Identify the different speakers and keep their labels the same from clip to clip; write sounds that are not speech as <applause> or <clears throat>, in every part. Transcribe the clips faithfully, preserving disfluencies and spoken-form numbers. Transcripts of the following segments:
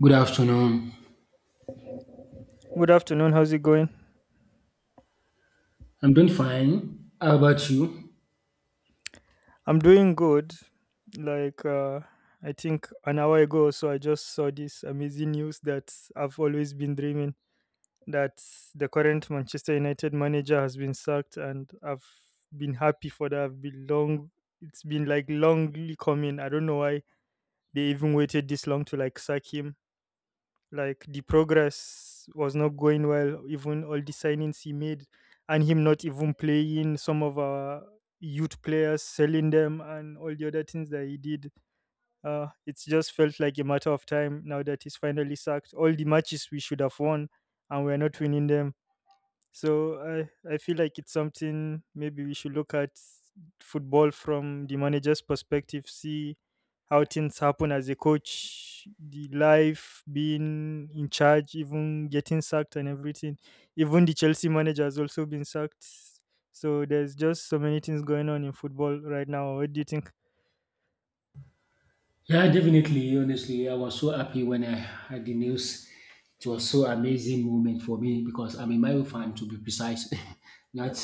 Speaker 1: Good afternoon.
Speaker 2: Good afternoon. How's it going?
Speaker 1: I'm doing fine. How about you?
Speaker 2: I'm doing good. Like, uh, I think an hour ago or so, I just saw this amazing news that I've always been dreaming that the current Manchester United manager has been sacked, and I've been happy for that. I've been long. It's been like longly coming. I don't know why they even waited this long to like sack him. Like the progress was not going well, even all the signings he made, and him not even playing some of our youth players, selling them, and all the other things that he did. Uh it just felt like a matter of time. Now that he's finally sacked, all the matches we should have won and we're not winning them. So I I feel like it's something maybe we should look at football from the manager's perspective, see how things happen as a coach, the life being in charge, even getting sacked and everything. Even the Chelsea manager has also been sacked. So there's just so many things going on in football right now. What do you think?
Speaker 1: Yeah, definitely. Honestly, I was so happy when I heard the news. It was so amazing moment for me because I'm a Mario fan to be precise. <laughs> Not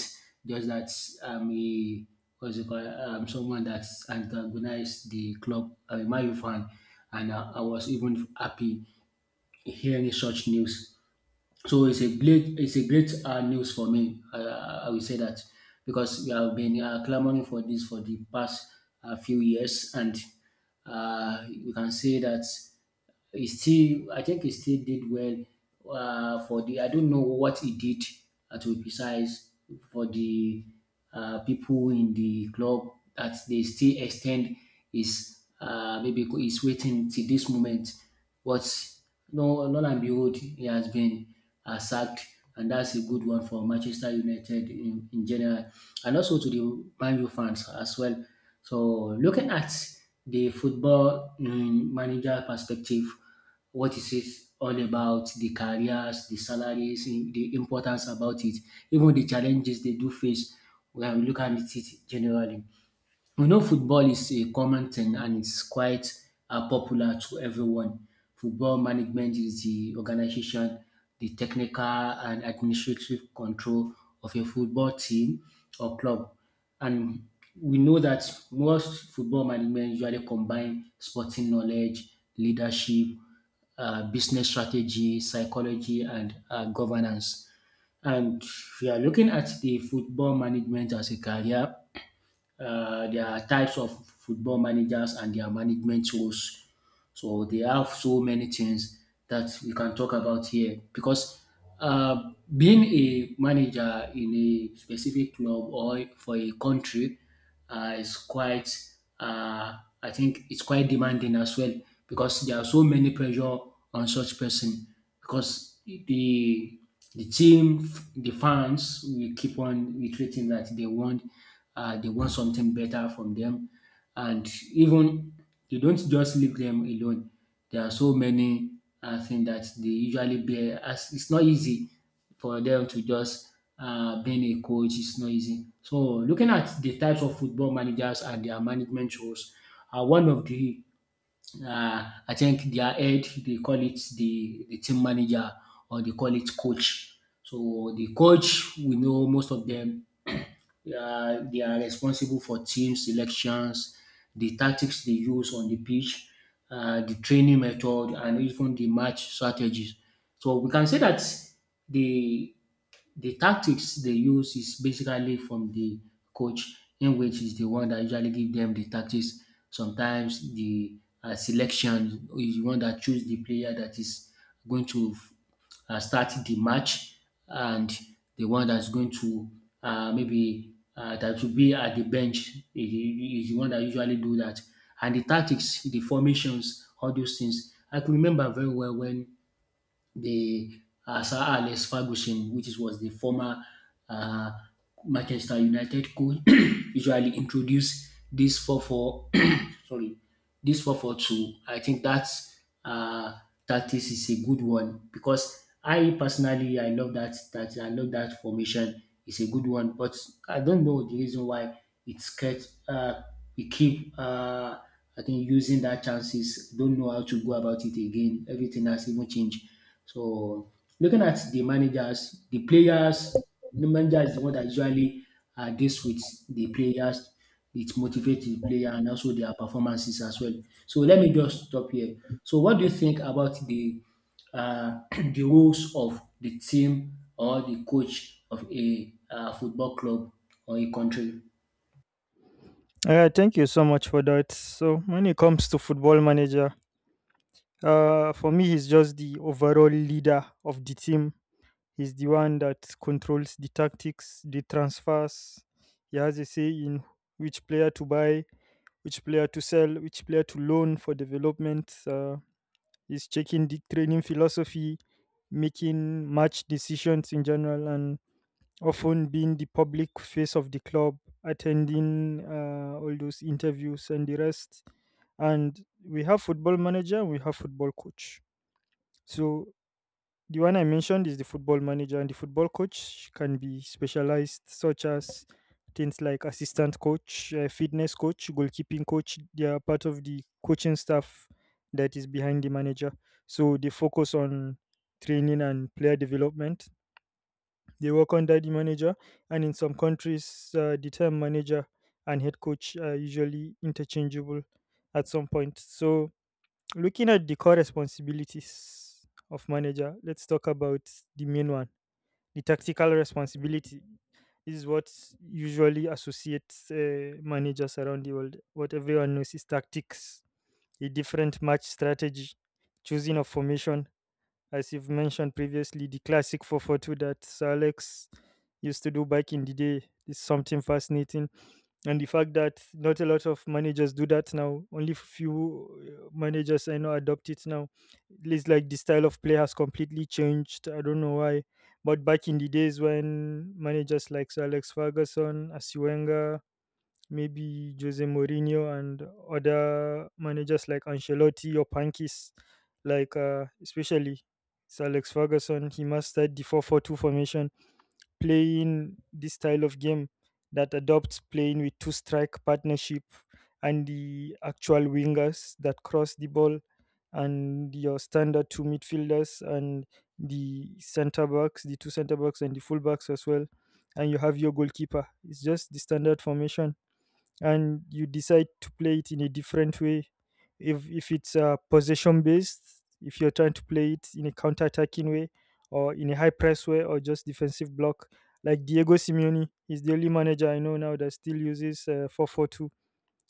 Speaker 1: just that, I'm a, what's it called? I'm someone that's antagonized the club. I'm a Mario fan, and I, I was even happy hearing such news. So it's a great, it's a great uh, news for me. I, I I will say that because we have been uh, clamoring for this for the past uh, few years, and uh, we can say that it still, I think it still did well uh, for the. I don't know what it did uh, to be precise for the uh, people in the club that they still extend is uh, maybe co- is waiting till this moment. What? No, lo and behold, he has been uh, sacked, and that's a good one for Manchester United in, in general, and also to the Man U fans as well. So, looking at the football um, manager perspective, what is it all about? The careers, the salaries, in- the importance about it, even the challenges they do face when we look at it generally. We know football is a common thing and it's quite uh, popular to everyone. Football management is the organization, the technical and administrative control of a football team or club. And we know that most football management usually combine sporting knowledge, leadership, uh, business strategy, psychology, and uh, governance. And if you are looking at the football management as a career, uh, there are types of football managers and their management roles. So they have so many things that we can talk about here because uh, being a manager in a specific club or for a country uh, is quite, uh, I think it's quite demanding as well because there are so many pressure on such person because the the team, the fans, we keep on reiterating that they want uh, they want something better from them and even they don't just leave them alone. There are so many uh, things that they usually bear. As it's not easy for them to just uh, being a coach. It's not easy. So looking at the types of football managers and their management roles, uh, one of the uh, I think their head, they call it the, the team manager or they call it coach. So the coach, we know most of them, <clears throat> they are, they are responsible for team selections, the tactics they use on the pitch, uh, the training method, and even the match strategies. So we can say that the the tactics they use is basically from the coach in which is the one that usually give them the tactics. Sometimes the uh, selection is the one that choose the player that is going to uh, start the match and the one that's going to uh, maybe uh, that will be at the bench is is the one that usually do that. And the tactics, the formations, all those things. I can remember very well when the uh, Sir Alex Ferguson, which is, was the former uh, Manchester United coach, <clears throat> usually introduced this four four <clears throat> sorry, this four four two. I think that uh, tactics is a good one because I personally I love that that I love that formation. It's a good one, but I don't know the reason why it's kept. Uh, we keep uh, I think using that chances. Don't know how to go about it again. Everything has even changed. So looking at the managers, the players, the manager is the one that usually uh, deals with the players. It motivates the player and also their performances as well. So let me just stop here. So what do you think about the uh, <clears throat> the roles of the team or the coach of a uh, football club or a country?
Speaker 2: Yeah, thank you so much for that. So when it comes to football manager, uh, for me, he's just the overall leader of the team. He's the one that controls the tactics, the transfers. He has a say in which player to buy, which player to sell, which player to loan for development. Uh, he's checking the training philosophy, making match decisions in general, and often being the public face of the club, attending uh, all those interviews and the rest. And we have football manager, we have football coach. So the one I mentioned is the football manager, and the football coach can be specialized, such as things like assistant coach, uh, fitness coach, goalkeeping coach. They are part of the coaching staff that is behind the manager. So they focus on training and player development. They work under the manager, and in some countries, uh, the term manager and head coach are usually interchangeable at some point. So looking at the core responsibilities of manager, let's talk about the main one. The tactical responsibility. This is what usually associates uh, managers around the world. What everyone knows is tactics, a different match strategy, choosing of formation. As you've mentioned previously, the classic four four two that Sir Alex used to do back in the day is something fascinating, and the fact that not a lot of managers do that now, only few uh, managers I know adopt it now. It's like the style of play has completely changed. I don't know why, but back in the days when managers like Sir Alex Ferguson, Asiwenga, maybe Jose Mourinho, and other managers like Ancelotti or Pankis, like uh, especially Sir Alex Ferguson, he mastered the four-four-two formation, playing this style of game that adopts playing with two strike partnership and the actual wingers that cross the ball and your standard two midfielders and the center backs, the two center backs and the full backs as well. And you have your goalkeeper. It's just the standard formation, and you decide to play it in a different way. If if it's uh, possession based, if you're trying to play it in a counter attacking way, or in a high press way, or just defensive block, like Diego Simeone, he's the only manager I know now that still uses uh, four four two.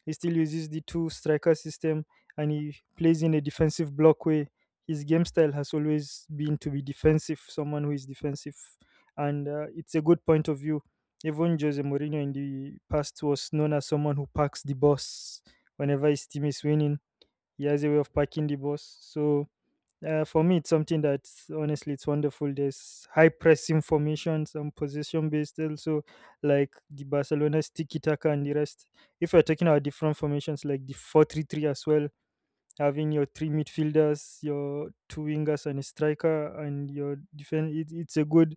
Speaker 2: He still uses the two striker system and he plays in a defensive block way. His game style has always been to be defensive, someone who is defensive. And uh, it's a good point of view. Even Jose Mourinho in the past was known as someone who packs the boss whenever his team is winning. He has a way of packing the boss. So uh, for me, it's something that honestly it's wonderful. There's high press informations and position based also, like the Barcelona tiki taka and the rest. If we're talking about different formations like the four three three as well, having your three midfielders, your two wingers, and a striker, and your defense. It, it's a good,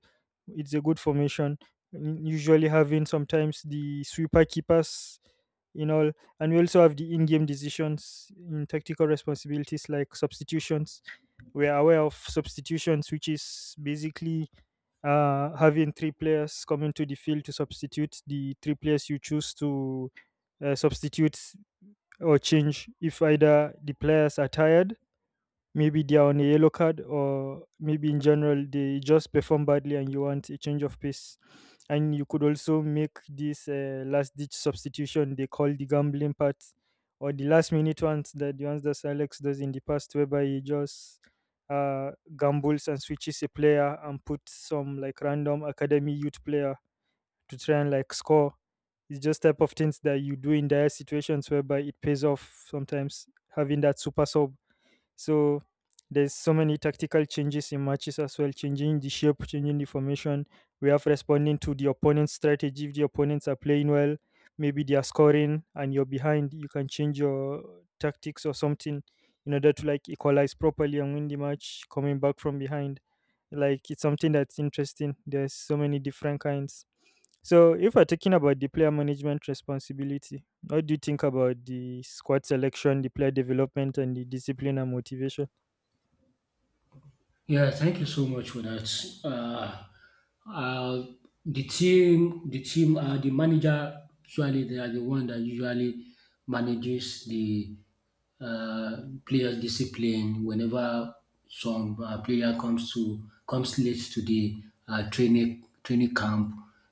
Speaker 2: it's a good formation. N- Usually having sometimes the sweeper keepers in all, and we also have the in-game decisions in tactical responsibilities like substitutions. We are aware of substitutions, which is basically uh, having three players come into the field to substitute the three players you choose to uh, substitute or change if either the players are tired, maybe they are on a yellow card, or maybe in general they just perform badly and you want a change of pace. And you could also make this uh, last ditch substitution they call the gambling part, or the last minute ones that the ones that Alex does in the past, whereby he just uh, gambles and switches a player and puts some like random academy youth player to try and like score. It's just type of things that you do in dire situations whereby it pays off sometimes having that super sub. So there's so many tactical changes in matches as well, changing the shape, changing the formation. We have responding to the opponent's strategy. If the opponents are playing well, maybe they are scoring and you're behind, you can change your tactics or something in order to like equalize properly and win the match coming back from behind. Like it's something that's interesting. There's so many different kinds. So, if we're talking about the player management responsibility, what do you think about the squad selection, the player development, and the discipline and motivation?
Speaker 1: Yeah, thank you so much for that. Uh, uh, the team, the team, uh, the manager, usually they are the one that usually manages the uh, players' discipline whenever some uh, player comes to comes late to the uh, training training camp.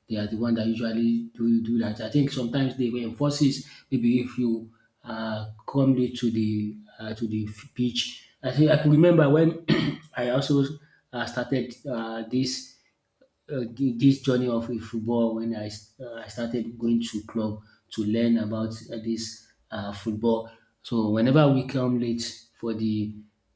Speaker 1: They are the one that usually do do that. I think sometimes they will enforce it. Maybe if you uh, come late to the uh, to the f- pitch. I think I can remember when <clears throat> I also uh, started uh, this uh, thi- this journey of uh, football when I, s- uh, I started going to club to learn about uh, this uh, football. So whenever we come late for the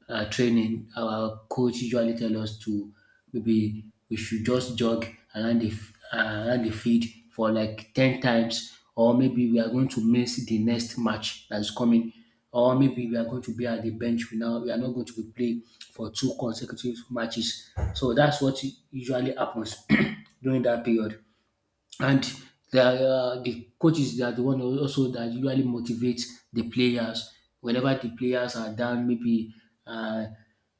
Speaker 1: uh, training, our coach usually tell us to maybe we should just jog around the f- uh, around the field for like ten times, or maybe we are going to miss the next match that is coming or maybe we are going to be at the bench. We now we are not going to be playing for two consecutive matches. So that's what usually happens <clears throat> during that period, and they are uh, the coaches. They are the one also that usually motivate the players whenever the players are down, maybe uh,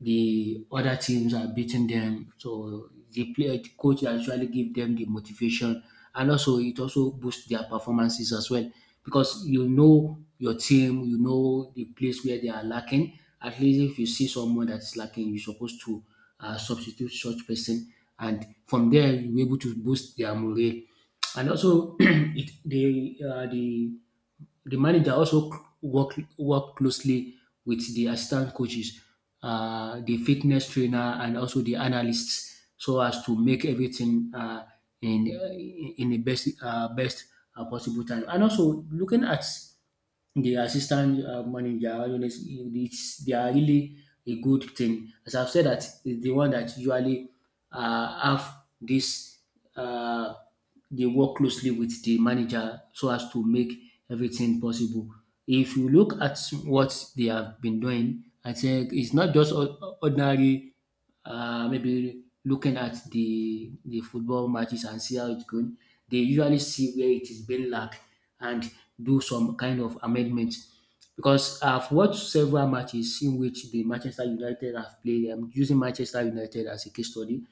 Speaker 1: the other teams are beating them. So the player the coach actually give them the motivation, and also it also boosts their performances as well because you know your team, you know the place where they are lacking. At least if you see someone that is lacking, you're supposed to uh, substitute such person, and from there you're able to boost their morale. And also <clears throat> it the uh, the the manager also work work closely with the assistant coaches, uh, the fitness trainer, and also the analysts, so as to make everything uh, in in the best uh, best uh, possible time. And also looking at the assistant uh, manager, all those, it's, it's, they are really a good thing. As I've said, that is the one that usually uh, have this, uh, they work closely with the manager so as to make everything possible. If you look at what they have been doing, I think it's not just or- ordinary, uh, maybe looking at the the football matches and see how it's going. They usually see where it is being lacked and do some kind of amendment because I've watched several matches in which the Manchester United have played. I'm using Manchester United as a case study.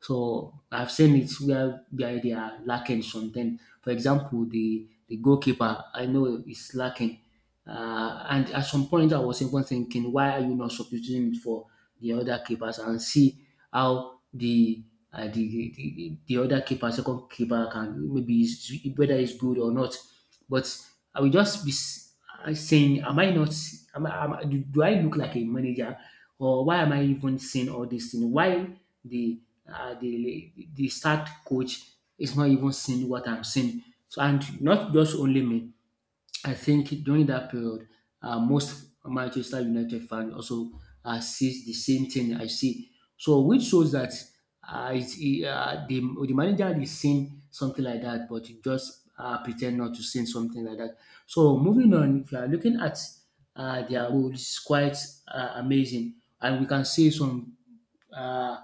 Speaker 1: So I've seen it where where they are lacking something. For example, the the goalkeeper I know is lacking. Uh, and at some point, I was even thinking, why are you not substituting it for the other keepers and see how the uh, the, the the the other keeper, second keeper, can maybe is, whether it's good or not. But I will just be s- saying, am I not? Am I, am I- do do I look like a manager, or why am I even saying all this thing? Why the uh, the the start coach is not even seeing what I'm saying? So, and not just only me. I think during that period, uh, most Manchester United fans also uh, sees the same thing I see. So, which shows that uh, it's, it, uh, the, the manager is seeing something like that, but he just uh, pretend not to see something like that. So, moving on, if you are looking at uh, their role, it's quite uh, amazing. And we can see some uh,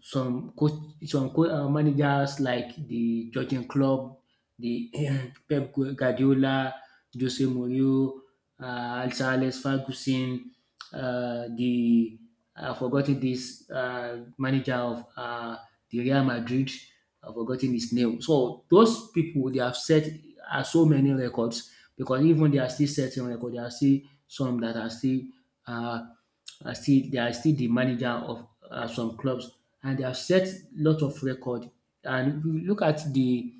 Speaker 1: some coach some co- uh, managers like the Jurgen Klopp, the <clears throat> Pep Guardiola, Jose Mourinho, uh, Sir Alex Ferguson, uh, the I've forgotten this uh, manager of uh, the Real Madrid. I've forgotten his name. So those people they have set uh, so many records because even they are still setting records. There are still some that are still uh, are still they are still the manager of um some clubs, and they have set lot of record. And if you look at the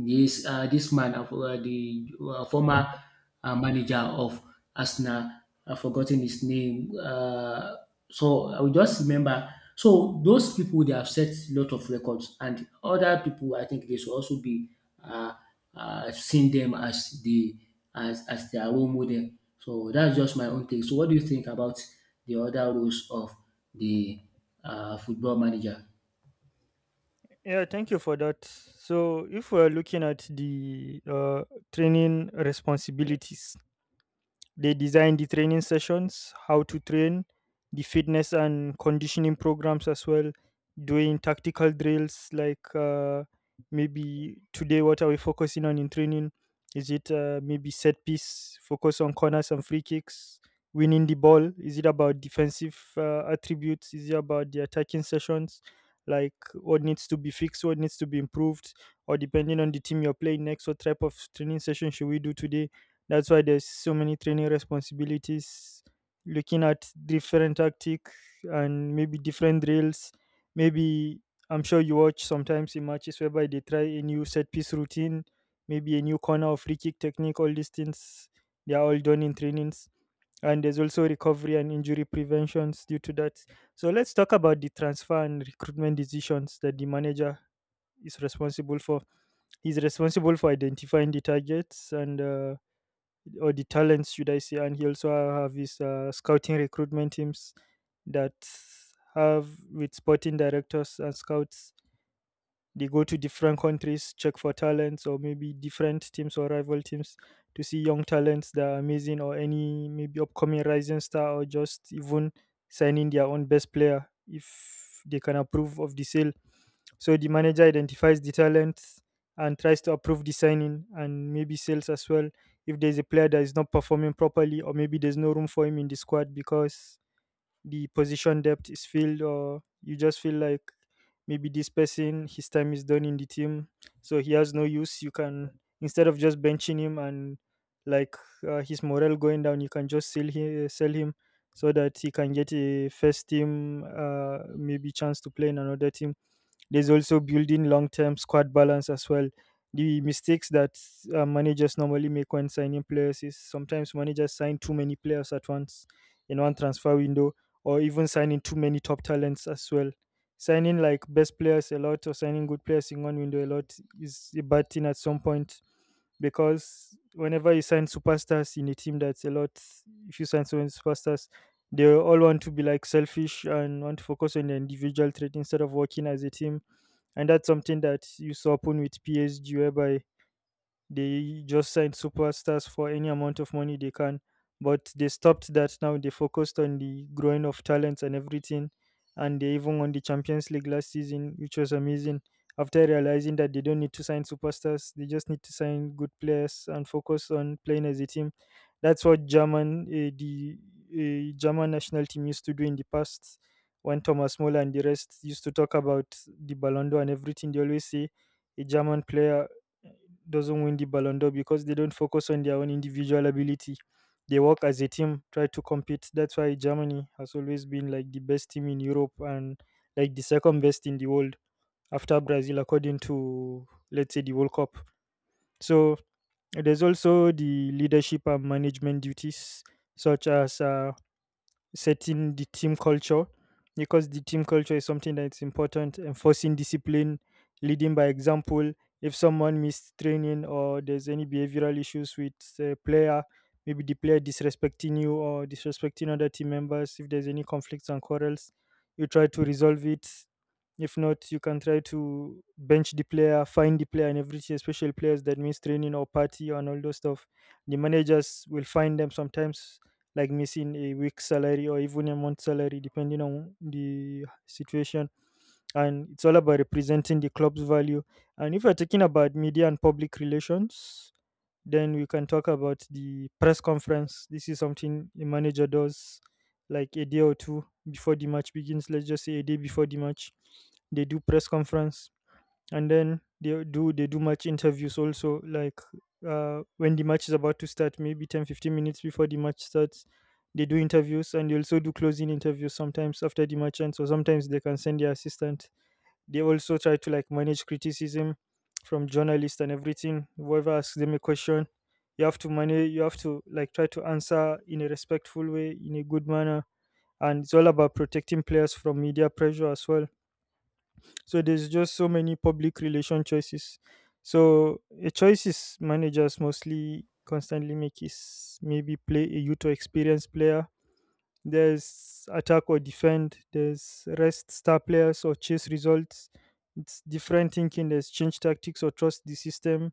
Speaker 1: this uh, this man, uh, for- uh, the uh, former uh, manager of Arsenal, I've forgotten his name. Uh, so I will just remember. So those people they have set a lot of records, and other people I think they should also be uh, uh, seeing them as the as as their role model. So that's just my own take. So what do you think about the other roles of the uh, football manager?
Speaker 2: Yeah, thank you for that. So, if we're looking at the uh, training responsibilities, they design the training sessions, how to train, the fitness and conditioning programs as well, doing tactical drills like uh, maybe today what are we focusing on in training? Is it uh, maybe set piece, focus on corners and free kicks, winning the ball? Is it about defensive uh, attributes? Is it about the attacking sessions? Like what needs to be fixed, what needs to be improved, or depending on the team you're playing next, what type of training session should we do today? That's why there's so many training responsibilities, looking at different tactic and maybe different drills. Maybe I'm sure you watch sometimes in matches whereby they try a new set piece routine, maybe a new corner or free kick technique. All these things, they are all done in trainings. And there's also recovery and injury preventions due to that. So let's talk about the transfer and recruitment decisions that the manager is responsible for. He's responsible for identifying the targets and uh, or the talents, should I say, and he also have his uh, scouting recruitment teams that have with sporting directors and scouts. They go to different countries, check for talents or maybe different teams or rival teams to see young talents that are amazing or any maybe upcoming rising star or just even signing their own best player if they can approve of the sale. So the manager identifies the talents and tries to approve the signing and maybe sales as well. If there's a player that is not performing properly, or maybe there's no room for him in the squad because the position depth is filled, or you just feel like maybe this person his time is done in the team, so he has no use. You can, instead of just benching him and like uh, his morale going down, you can just sell him, sell him so that he can get a first team uh, maybe chance to play in another team. There's also building long term squad balance as well. The mistakes that uh, managers normally make when signing players is sometimes managers sign too many players at once in one transfer window, or even signing too many top talents as well. Signing like best players a lot or signing good players in one window a lot is a bad thing at some point because whenever you sign superstars in a team that's a lot, if you sign so many superstars, they all want to be like selfish and want to focus on the individual trait instead of working as a team. And that's something that used to happen with P S G, whereby they just sign superstars for any amount of money they can. But they stopped that now. They focused on the growing of talents and everything. And they even won the Champions League last season, which was amazing. After realizing that they don't need to sign superstars, they just need to sign good players and focus on playing as a team. That's what German, uh, the uh, German national team used to do in the past when Thomas Muller and the rest used to talk about the Ballon d'Or and everything. They always say a German player doesn't win the Ballon d'Or because they don't focus on their own individual ability. They work as a team, try to compete. That's why Germany has always been like the best team in Europe and like the second best in the world after Brazil, according to, let's say, the World Cup. So there's also the leadership and management duties, such as uh, setting the team culture, because the team culture is something that's important. Enforcing discipline, leading by example. If someone missed training or there's any behavioral issues with a player, maybe the player disrespecting you or disrespecting other team members, if there's any conflicts and quarrels, you try to resolve it. If not, you can try to bench the player, find the player and everything, especially players that miss training or party and all those stuff. The managers will find them sometimes, like missing a week's salary or even a month's salary, depending on the situation. And it's all about representing the club's value. And if we're talking about media and public relations, then we can talk about the press conference. This is something a manager does, like a day or two before the match begins. Let's just say a day before the match, they do press conference, and then they do they do match interviews also, like uh, when the match is about to start, maybe ten fifteen minutes before the match starts, they do interviews. And they also do closing interviews sometimes after the match ends, so sometimes they can send their assistant. They also try to like manage criticism from journalists and everything, whoever asks them a question. You have to manage, you have to like try to answer in a respectful way, in a good manner. And it's all about protecting players from media pressure as well. So there's just so many public relation choices. So a choices managers mostly constantly make is maybe play a youth or experienced player. There's attack or defend. There's rest star players or chase results. It's different thinking. There's change tactics or trust the system.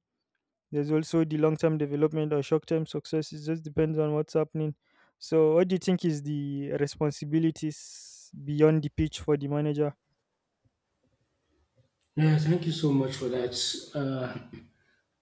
Speaker 2: There's also the long term development or short term success. It just depends on what's happening. So what do you think is the responsibilities beyond the pitch for the manager?
Speaker 1: Yeah, thank you so much for that. Uh,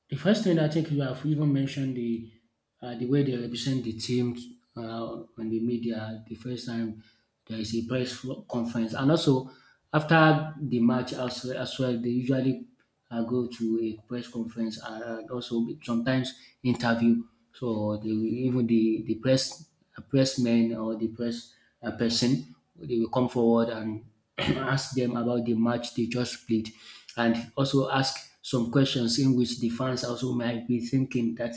Speaker 1: The first thing I think you have even mentioned the uh, the way they represent the team uh, on the media. The first time there is a press fo- conference, and also after the match as, as well, they usually uh, go to a press conference, uh, and also sometimes interview. So they will, even the the press, uh, pressmen, or the press uh, person, they will come forward and <clears throat> ask them about the match they just played, and also ask some questions in which the fans also might be thinking that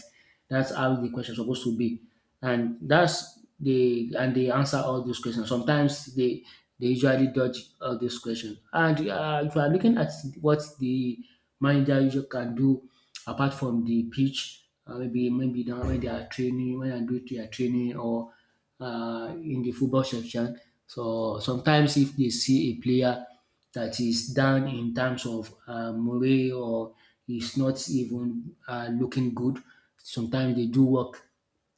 Speaker 1: that's how the question supposed to be, and that's the, and they answer all those questions. Sometimes they they usually dodge all those questions. And uh, if you are looking at what the manager usually can do apart from the pitch, uh, maybe maybe down when they are training, when they do their training, or uh, in the football section. So sometimes, if they see a player that is down in terms of uh, morale, or is not even uh, looking good, sometimes they do work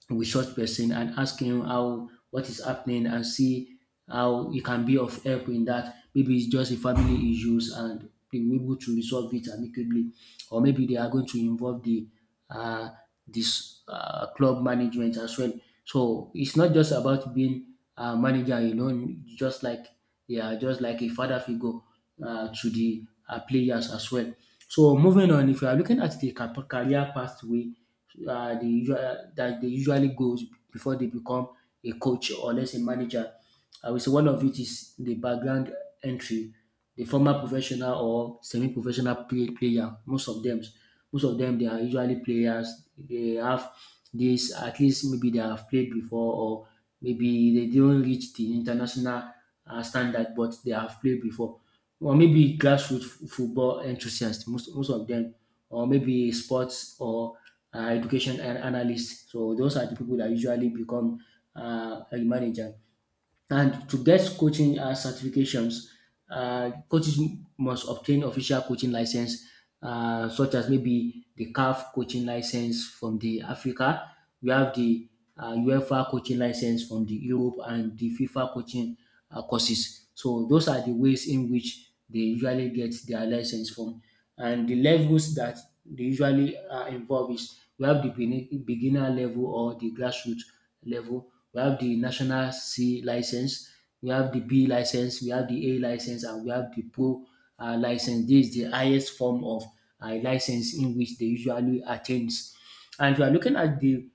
Speaker 1: with such person and ask him how, what is happening, and see how he can be of help in that. Maybe it's just a family issues, and they will be able to resolve it amicably, or maybe they are going to involve the uh, this uh, club management as well. So it's not just about being a manager alone, just like, yeah, just like a father figure uh, to the uh, players as well. So, moving on, if you are looking at the cap- career pathway, uh, the usual, that they usually goes before they become a coach or less a manager, I will say one of it is the background entry, the former professional or semi-professional play, player. Most of them, most of them, they are usually players. They have this, at least maybe they have played before, or maybe they didn't reach the international uh, standard, but they have played before. Or maybe grassroots f- football enthusiasts, most, most of them, or maybe sports or uh, education an- analysts. So those are the people that usually become uh, a manager. And to get coaching uh, certifications, uh, coaches must obtain official coaching license, uh, such as maybe the caf coaching license from the Africa. We have the uh, UEFA coaching license from the Europe, and the FIFA coaching uh, courses. So those are the ways in which they usually get their license from. And the levels that they usually are involved is, we have the bene- beginner level or the grassroots level, we have the national C license, we have the B license, we have the A license, and we have the pro uh, license. This is the highest form of uh, license in which they usually attains. And if you are looking at the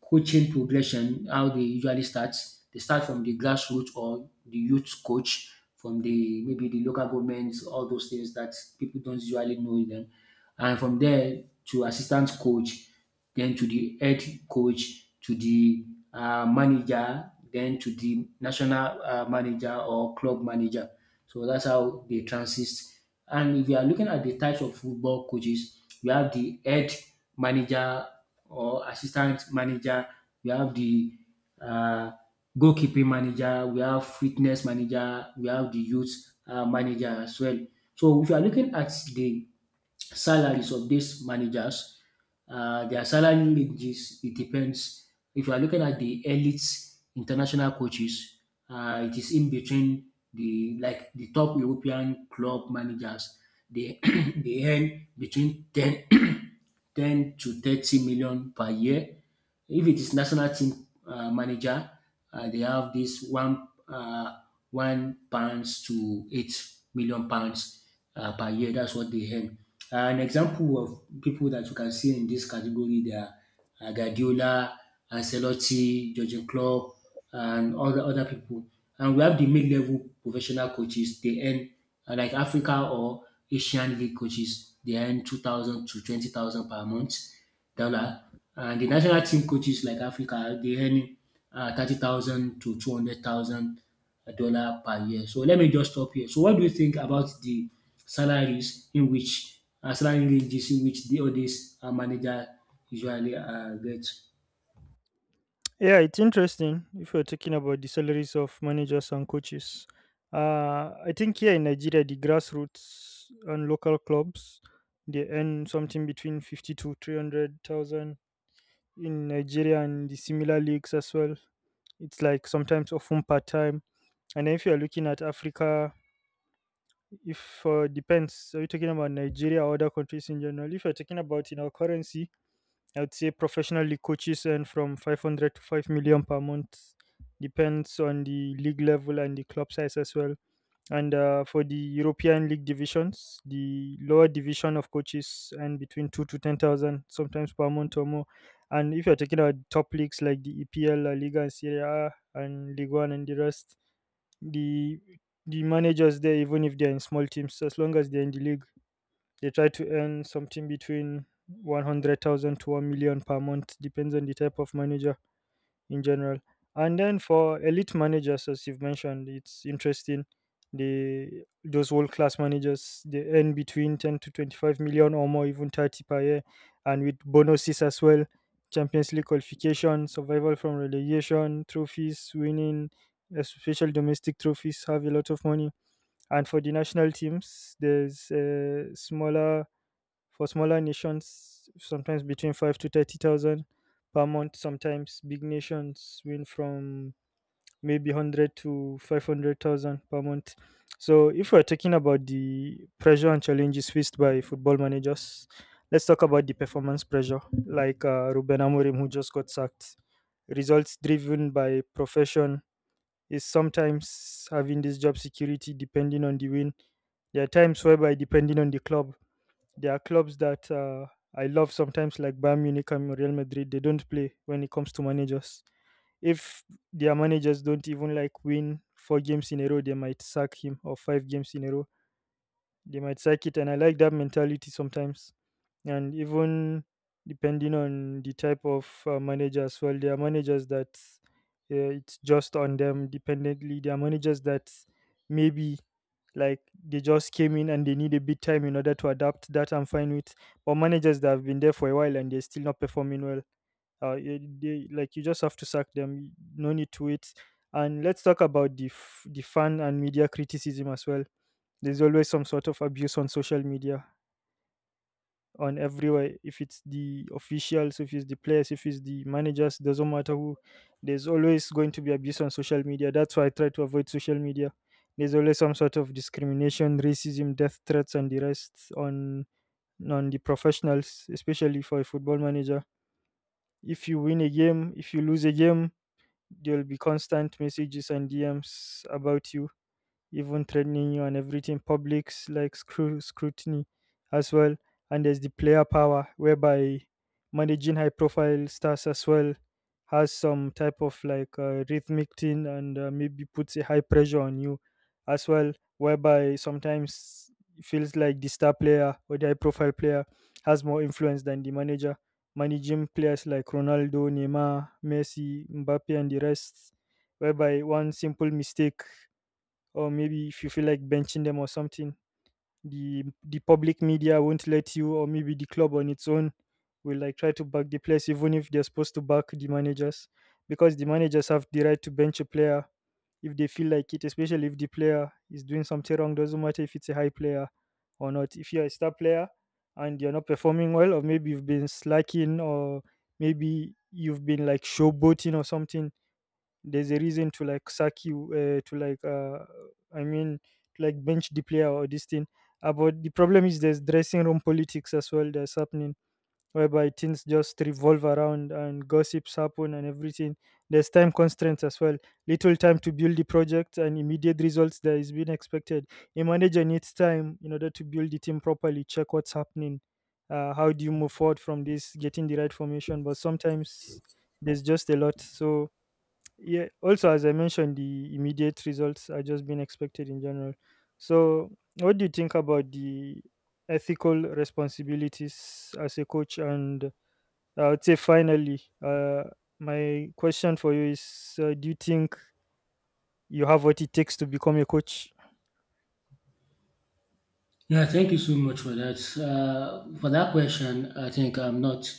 Speaker 1: coaching progression, how they usually start. They start from the grassroots or the youth coach from the, maybe the local government, all those things that people don't usually know them. And from there to assistant coach, then to the head coach, to the uh, manager, then to the national uh, manager or club manager. So that's how they transist. And if you are looking at the types of football coaches, you have the head manager or assistant manager, we have the uh, goalkeeping manager, we have fitness manager, we have the youth uh, manager as well. So if you are looking at the salaries of these managers, uh, their salary ranges, it depends. If you are looking at the elite international coaches, uh, it is in between the, like, the top European club managers, they, <clears throat> they earn between ten <clears throat> ten to thirty million per year. If it is national team uh, manager, uh, they have this one uh, one pounds to eight million pounds uh, per year. That's what they earn. Uh, an example of people that you can see in this category, there are uh, Guardiola, Ancelotti, Jurgen Klopp, and other other people. And we have the mid-level professional coaches. They earn, uh, like, Africa or Asian League coaches. They earn two thousand to twenty thousand per month dollar. And the national team coaches, like Africa, they earn uh, thirty thousand to two hundred thousand dollar per year. So let me just stop here. So what do you think about the salaries in which, uh, salary ranges in which the, all these uh, manager usually uh, get?
Speaker 2: Yeah, it's interesting if you're talking about the salaries of managers and coaches. Uh, I think here in Nigeria, the grassroots and local clubs, they earn something between fifty to three hundred thousand in Nigeria and the similar leagues as well. It's like sometimes often part time. And then if you're looking at Africa, if uh, depends, are you talking about Nigeria or other countries in general? If you're talking about in our currency, I would say professionally coaches earn from five hundred to five million per month, depends on the league level and the club size as well. And uh, for the European league divisions, the lower division of coaches earn between two to ten thousand sometimes per month or more. And if you're talking about top leagues like the EPL, La Liga, and Serie A, and League One, and the rest, the the managers there, even if they're in small teams, as long as they're in the league, they try to earn something between one hundred thousand to one million per month, depends on the type of manager in general. And then for elite managers, as you've mentioned, it's interesting. They, those world class managers, they earn between ten to twenty five million or more, even thirty per year, and with bonuses as well. Champions League qualification, survival from relegation, trophies, winning, especially domestic trophies, have a lot of money. And for the national teams, there's a smaller, for smaller nations, sometimes between five to thirty thousand per month. Sometimes big nations win from maybe one hundred to five hundred thousand per month. So if we're talking about the pressure and challenges faced by football managers, let's talk about the performance pressure, like uh, Ruben Amorim, who just got sacked. Results driven by profession is sometimes having this job security depending on the win. There are times whereby depending on the club, there are clubs that uh, I love sometimes, like Bayern Munich and Real Madrid. They don't play when it comes to managers. If their managers don't even like win four games in a row, they might sack him, or five games in a row they might sack it. And I like that mentality sometimes. And even depending on the type of uh, manager as well, there are managers that uh, it's just on them dependently. There are managers that maybe like they just came in and they need a bit time in order to adapt. That I'm fine with. But managers that have been there for a while and they're still not performing well, uh, y- they, like, you just have to sack them. No need to wait. And let's talk about the f- the fan and media criticism as well. There's always some sort of abuse on social media, on everywhere. If it's the officials, if it's the players, if it's the managers, doesn't matter who. There's always going to be abuse on social media. That's why I try to avoid social media. There's always some sort of discrimination, racism, death threats, and the rest on on the professionals, especially for a football manager. If you win a game, if you lose a game, there'll be constant messages and D Ms about you, even threatening you and everything. Public's like scru- scrutiny as well. And there's the player power, whereby managing high profile stars as well has some type of like uh, rhythmic thing, and uh, maybe puts a high pressure on you as well, whereby sometimes it feels like the star player or the high profile player has more influence than the manager. Managing players like Ronaldo, Neymar, Messi, Mbappe, and the rest, whereby one simple mistake or maybe if you feel like benching them or something, the the public media won't let you, or maybe the club on its own will like try to back the players, even if they're supposed to back the managers. Because the managers have the right to bench a player if they feel like it, especially if the player is doing something wrong. Doesn't matter if it's a high player or not. If you're a star player and you're not performing well, or maybe you've been slacking, or maybe you've been like showboating or something, there's a reason to like sack you, uh, to like uh, I mean, to like bench the player or this thing. Uh, but the problem is there's dressing room politics as well that's happening, whereby things just revolve around and gossips happen and everything. There's time constraints as well, little time to build the project and immediate results that is being expected. A manager needs time in order to build the team properly, check what's happening, uh, how do you move forward from this, getting the right formation. But sometimes there's just a lot. So yeah, also as I mentioned, the immediate results are just being expected in general. So what do you think about the ethical responsibilities as a coach? And uh, I would say finally, uh, my question for you is, uh, do you think you have what it takes to become a coach?
Speaker 1: Yeah, thank you so much for that. Uh, for that question, I think I'm not,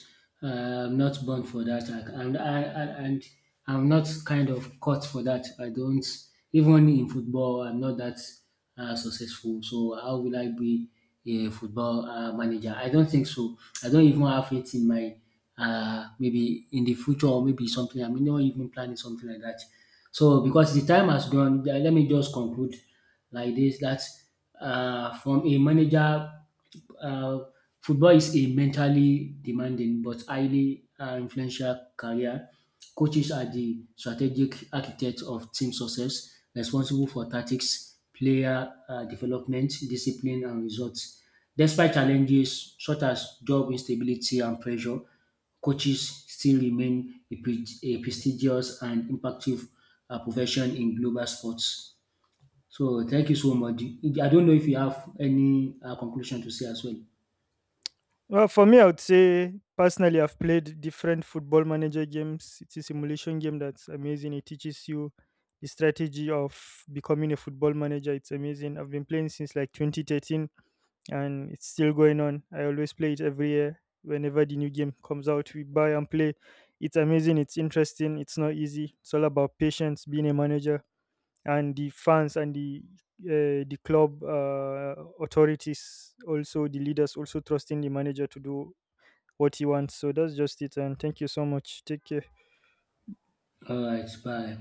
Speaker 1: uh, I'm not born for that, I, and I, I, and I'm not kind of caught for that. I don't, even in football, I'm not that uh, successful. So how will I be a football uh, manager? I don't think so. I don't even have it in my, uh, maybe in the future, or maybe something. I'm not even planning something like that. So, because the time has gone, uh, let me just conclude like this, that uh, from a manager, uh, football is a mentally demanding but highly uh, influential career. Coaches are the strategic architects of team success, responsible for tactics, player uh, development, discipline, and results. Despite challenges such as job instability and pressure, coaches still remain a, pre- a prestigious and impactful uh, profession in global sports. So, thank you so much. I don't know if you have any uh, conclusion to say as well.
Speaker 2: Well, for me, I would say personally, I've played different football manager games. It's a simulation game that's amazing. It teaches you the strategy of becoming a football manager. It's amazing. I've been playing since like twenty thirteen, and it's still going on. I always play it every year. Whenever the new game comes out, we buy and play. It's amazing. It's interesting. It's not easy. It's all about patience, being a manager, and the fans and the uh, the club uh, authorities, also the leaders also trusting the manager to do what he wants. So that's just it. And thank you so much. Take care.
Speaker 1: All right, bye.